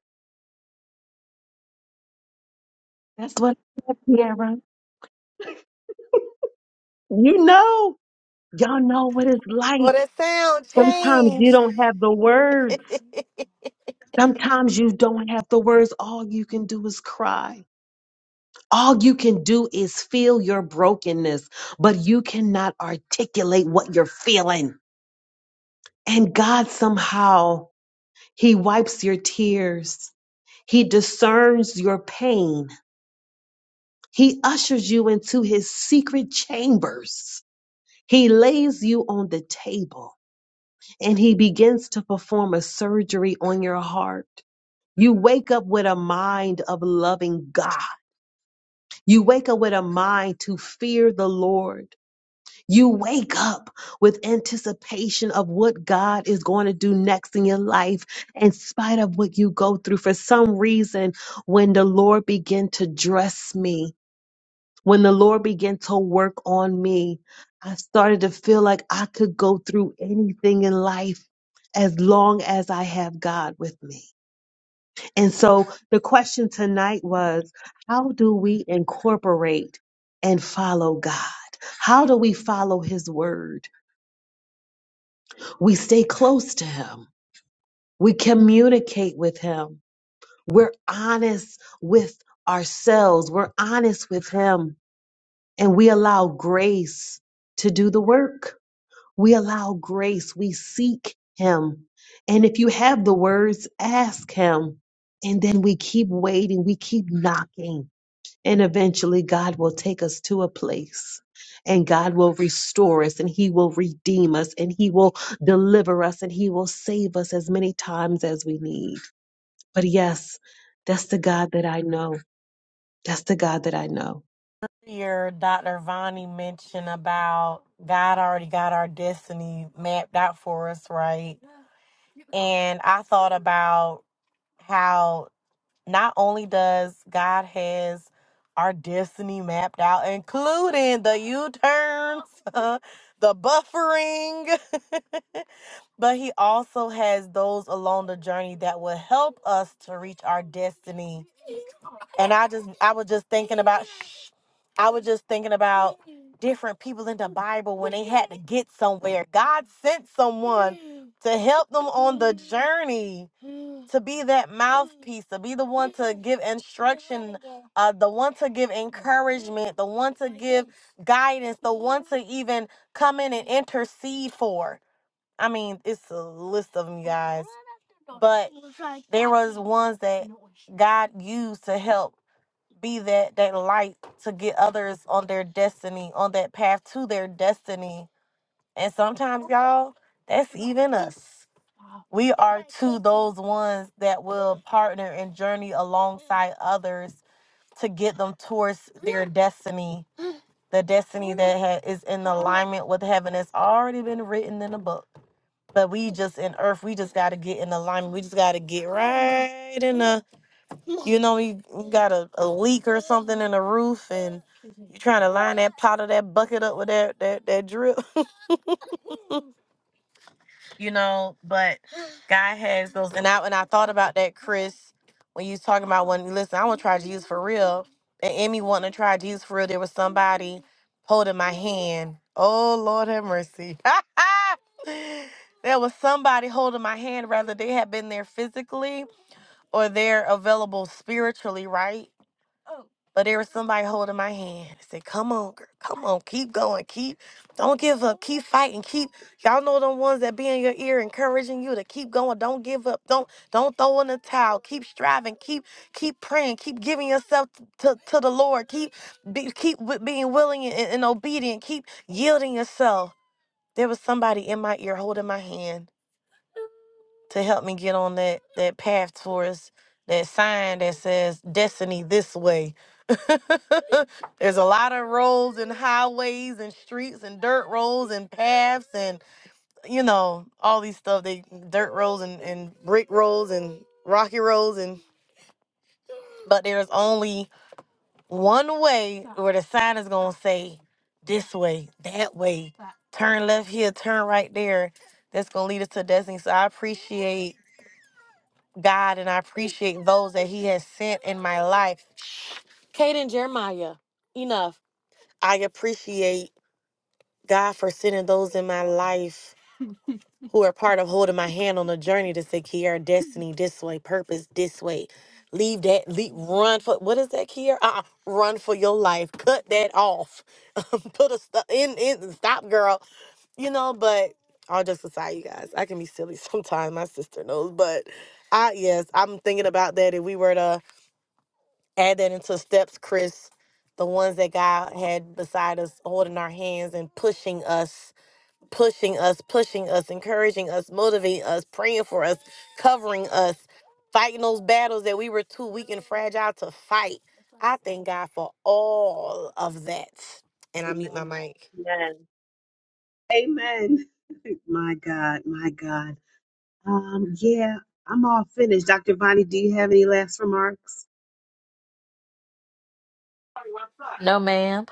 B: that's what I said, Kiara. You know, y'all know what it's
A: Well,
B: like.
A: that sound
B: Sometimes
A: change.
B: you don't have the words. Sometimes you don't have the words. All you can do is cry. All you can do is feel your brokenness, but you cannot articulate what you're feeling. And God somehow, He wipes your tears. He discerns your pain. He ushers you into His secret chambers. He lays you on the table and He begins to perform a surgery on your heart. You wake up with a mind of loving God. You wake up with a mind to fear the Lord. You wake up with anticipation of what God is going to do next in your life, in spite of what you go through. For some reason, when the Lord began to dress me, when the Lord began to work on me, I started to feel like I could go through anything in life as long as I have God with me. And so the question tonight was how do we incorporate and follow God? How do we follow His word? We stay close to Him. We communicate with Him. We're honest with ourselves. We're honest with Him. And we allow grace to do the work. We allow grace. We seek Him. And if you have the words, ask Him. And then we keep waiting. We keep knocking and eventually, God will take us to a place and God will restore us and He will redeem us and He will deliver us and He will save us as many times as we need. But yes, that's the God that I know. That's the God that I know.
A: Your Dr. Vani mentioned about God already got our destiny mapped out for us, right? And I thought about how not only does God has our destiny mapped out, including the U-turns, the buffering, but he also has those along the journey that will help us to reach our destiny. And I just I was just thinking about shh, I was just thinking about different people in the Bible when they had to get somewhere. God sent someone to help them on the journey. To be that mouthpiece, to be the one to give instruction, uh, the one to give encouragement, the one to give guidance, the one to even come in and intercede for. I mean, it's a list of them, you guys. But there was ones that God used to help be that that light to get others on their destiny, on that path to their destiny. And sometimes, y'all, that's even us. We are to those ones that will partner and journey alongside others to get them towards their destiny. The destiny that ha- is in alignment with heaven has already been written in the book. But we just in earth, we just gotta get in alignment. We just gotta get right in the, you know, we, we got a, a leak or something in the roof, and you trying to line that pot of that bucket up with that that that drip, you know. But God has those. And I and I thought about that, Chris, when you was talking about when listen, I want to try Jesus for real. And Emmy wanting to try Jesus for real. There was somebody holding my hand. Oh Lord have mercy. there was somebody holding my hand, rather they had been there physically or they're available spiritually, right? But there was somebody holding my hand. I said, Come on, girl. Come on. Keep going. Keep. Don't give up. Keep fighting. Keep. Y'all know them ones that be in your ear encouraging you to keep going. Don't give up. Don't don't throw in the towel. Keep striving. Keep keep praying. Keep giving yourself t- to, to the Lord. Keep be, keep wi- being willing and, and obedient. Keep yielding yourself. There was somebody in my ear holding my hand to help me get on that that path towards that sign that says destiny this way. There's a lot of roads and highways and streets and dirt roads and paths and you know all these stuff. They dirt roads and, and brick roads and rocky roads and but there's only one way where the sign is gonna say this way, that way, turn left here, turn right there. That's gonna lead us to destiny. So I appreciate God and I appreciate those that He has sent in my life. Kate and Jeremiah, enough. I appreciate God for sending those in my life who are part of holding my hand on the journey to say, Kiara, destiny this way, purpose this way. Leave that, leave, run for, what is that, Kiara? Uh-uh, run for your life. Cut that off. Put a stop, in, in, stop, girl. You know, but all just aside, you guys, I can be silly sometimes. My sister knows, but I, yes, I'm thinking about that. If we were to, add that into steps, Chris, the ones that God had beside us, holding our hands and pushing us, pushing us, pushing us, encouraging us, motivating us, praying for us, covering us, fighting those battles that we were too weak and fragile to fight. I thank God for all of that. And I mute my
B: Amen.
A: mic.
B: Amen. Amen. My God, my God. Um, yeah, I'm all finished. Dr. Bonnie, do you have any last remarks?
C: No, ma'am.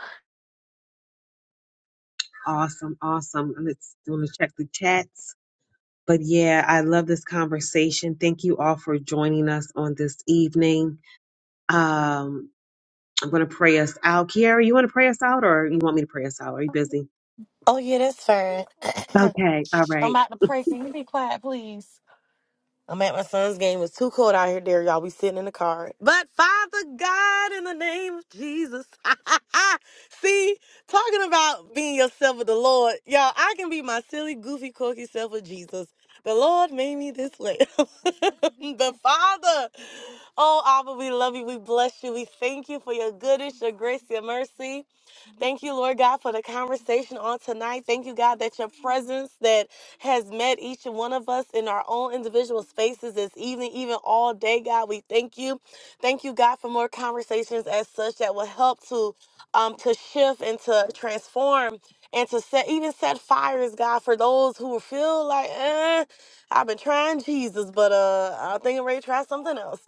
B: Awesome, awesome. And Let's want to check the chats. But yeah, I love this conversation. Thank you all for joining us on this evening. Um, I'm going to pray us out. Kiara, you want to pray us out or you want me to pray us out? Are you busy?
A: Oh, yeah, that's fine.
B: Okay. All right.
A: I'm about to pray. Can you be quiet, please? I'm at my son's game. It's too cold out here, there, y'all. We sitting in the car. But Father God, in the name of Jesus. See, talking about being yourself with the Lord, y'all, I can be my silly, goofy, quirky self with Jesus. The Lord made me this way. the Father. Oh, Abba, we love you. We bless you. We thank you for your goodness, your grace, your mercy. Thank you, Lord God, for the conversation on tonight. Thank you, God, that your presence, that has met each one of us in our own individual spaces this evening, even all day, God. We thank you. Thank you, God, for more conversations as such that will help to um to shift and to transform and to set even set fires, God, for those who feel like, eh, I've been trying Jesus, but uh I think I'm ready to try something else.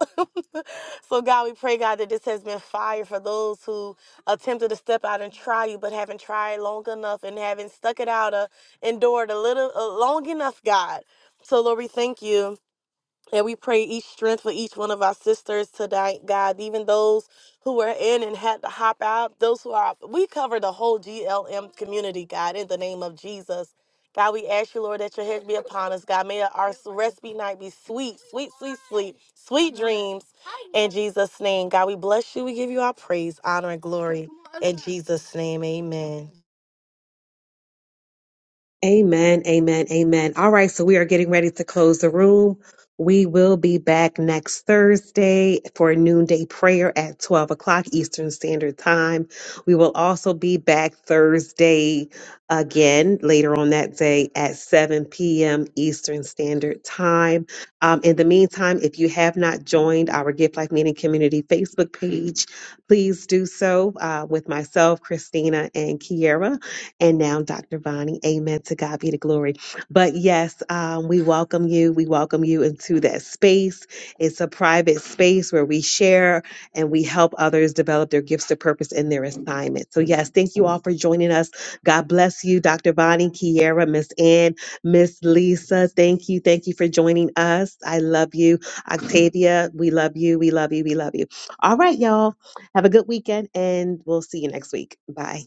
A: so God, we pray, God, that this has been fire for those who attempted to step out and try you, but haven't tried long enough and haven't stuck it out uh, endured a little uh, long enough, God. So, Lord, we thank you. And we pray each strength for each one of our sisters tonight, God, even those who were in and had to hop out, those who are, we cover the whole GLM community, God, in the name of Jesus. God, we ask you, Lord, that your head be upon us. God, may our rest be night be sweet, sweet, sweet sweet, sweet dreams. In Jesus' name, God, we bless you. We give you our praise, honor, and glory. In Jesus' name, amen.
B: Amen, amen, amen. All right, so we are getting ready to close the room. We will be back next Thursday for noonday prayer at 12 o'clock Eastern Standard Time. We will also be back Thursday again later on that day at 7 p.m. Eastern Standard Time. Um, in the meantime, if you have not joined our Gift Life Meeting Community Facebook page, please do so uh, with myself, Christina, and Kiera and now Dr. Vonnie. Amen. To God be the glory. But yes, um, we welcome you. We welcome you into that space. It's a private space where we share and we help others develop their gifts, their purpose, and their assignment. So yes, thank you all for joining us. God bless you, Dr. Vonnie, Kiera, Miss Ann, Miss Lisa. Thank you. Thank you for joining us. I love you. Octavia, we love you. We love you. We love you. All right, y'all. Have a good weekend and we'll see you next week. Bye.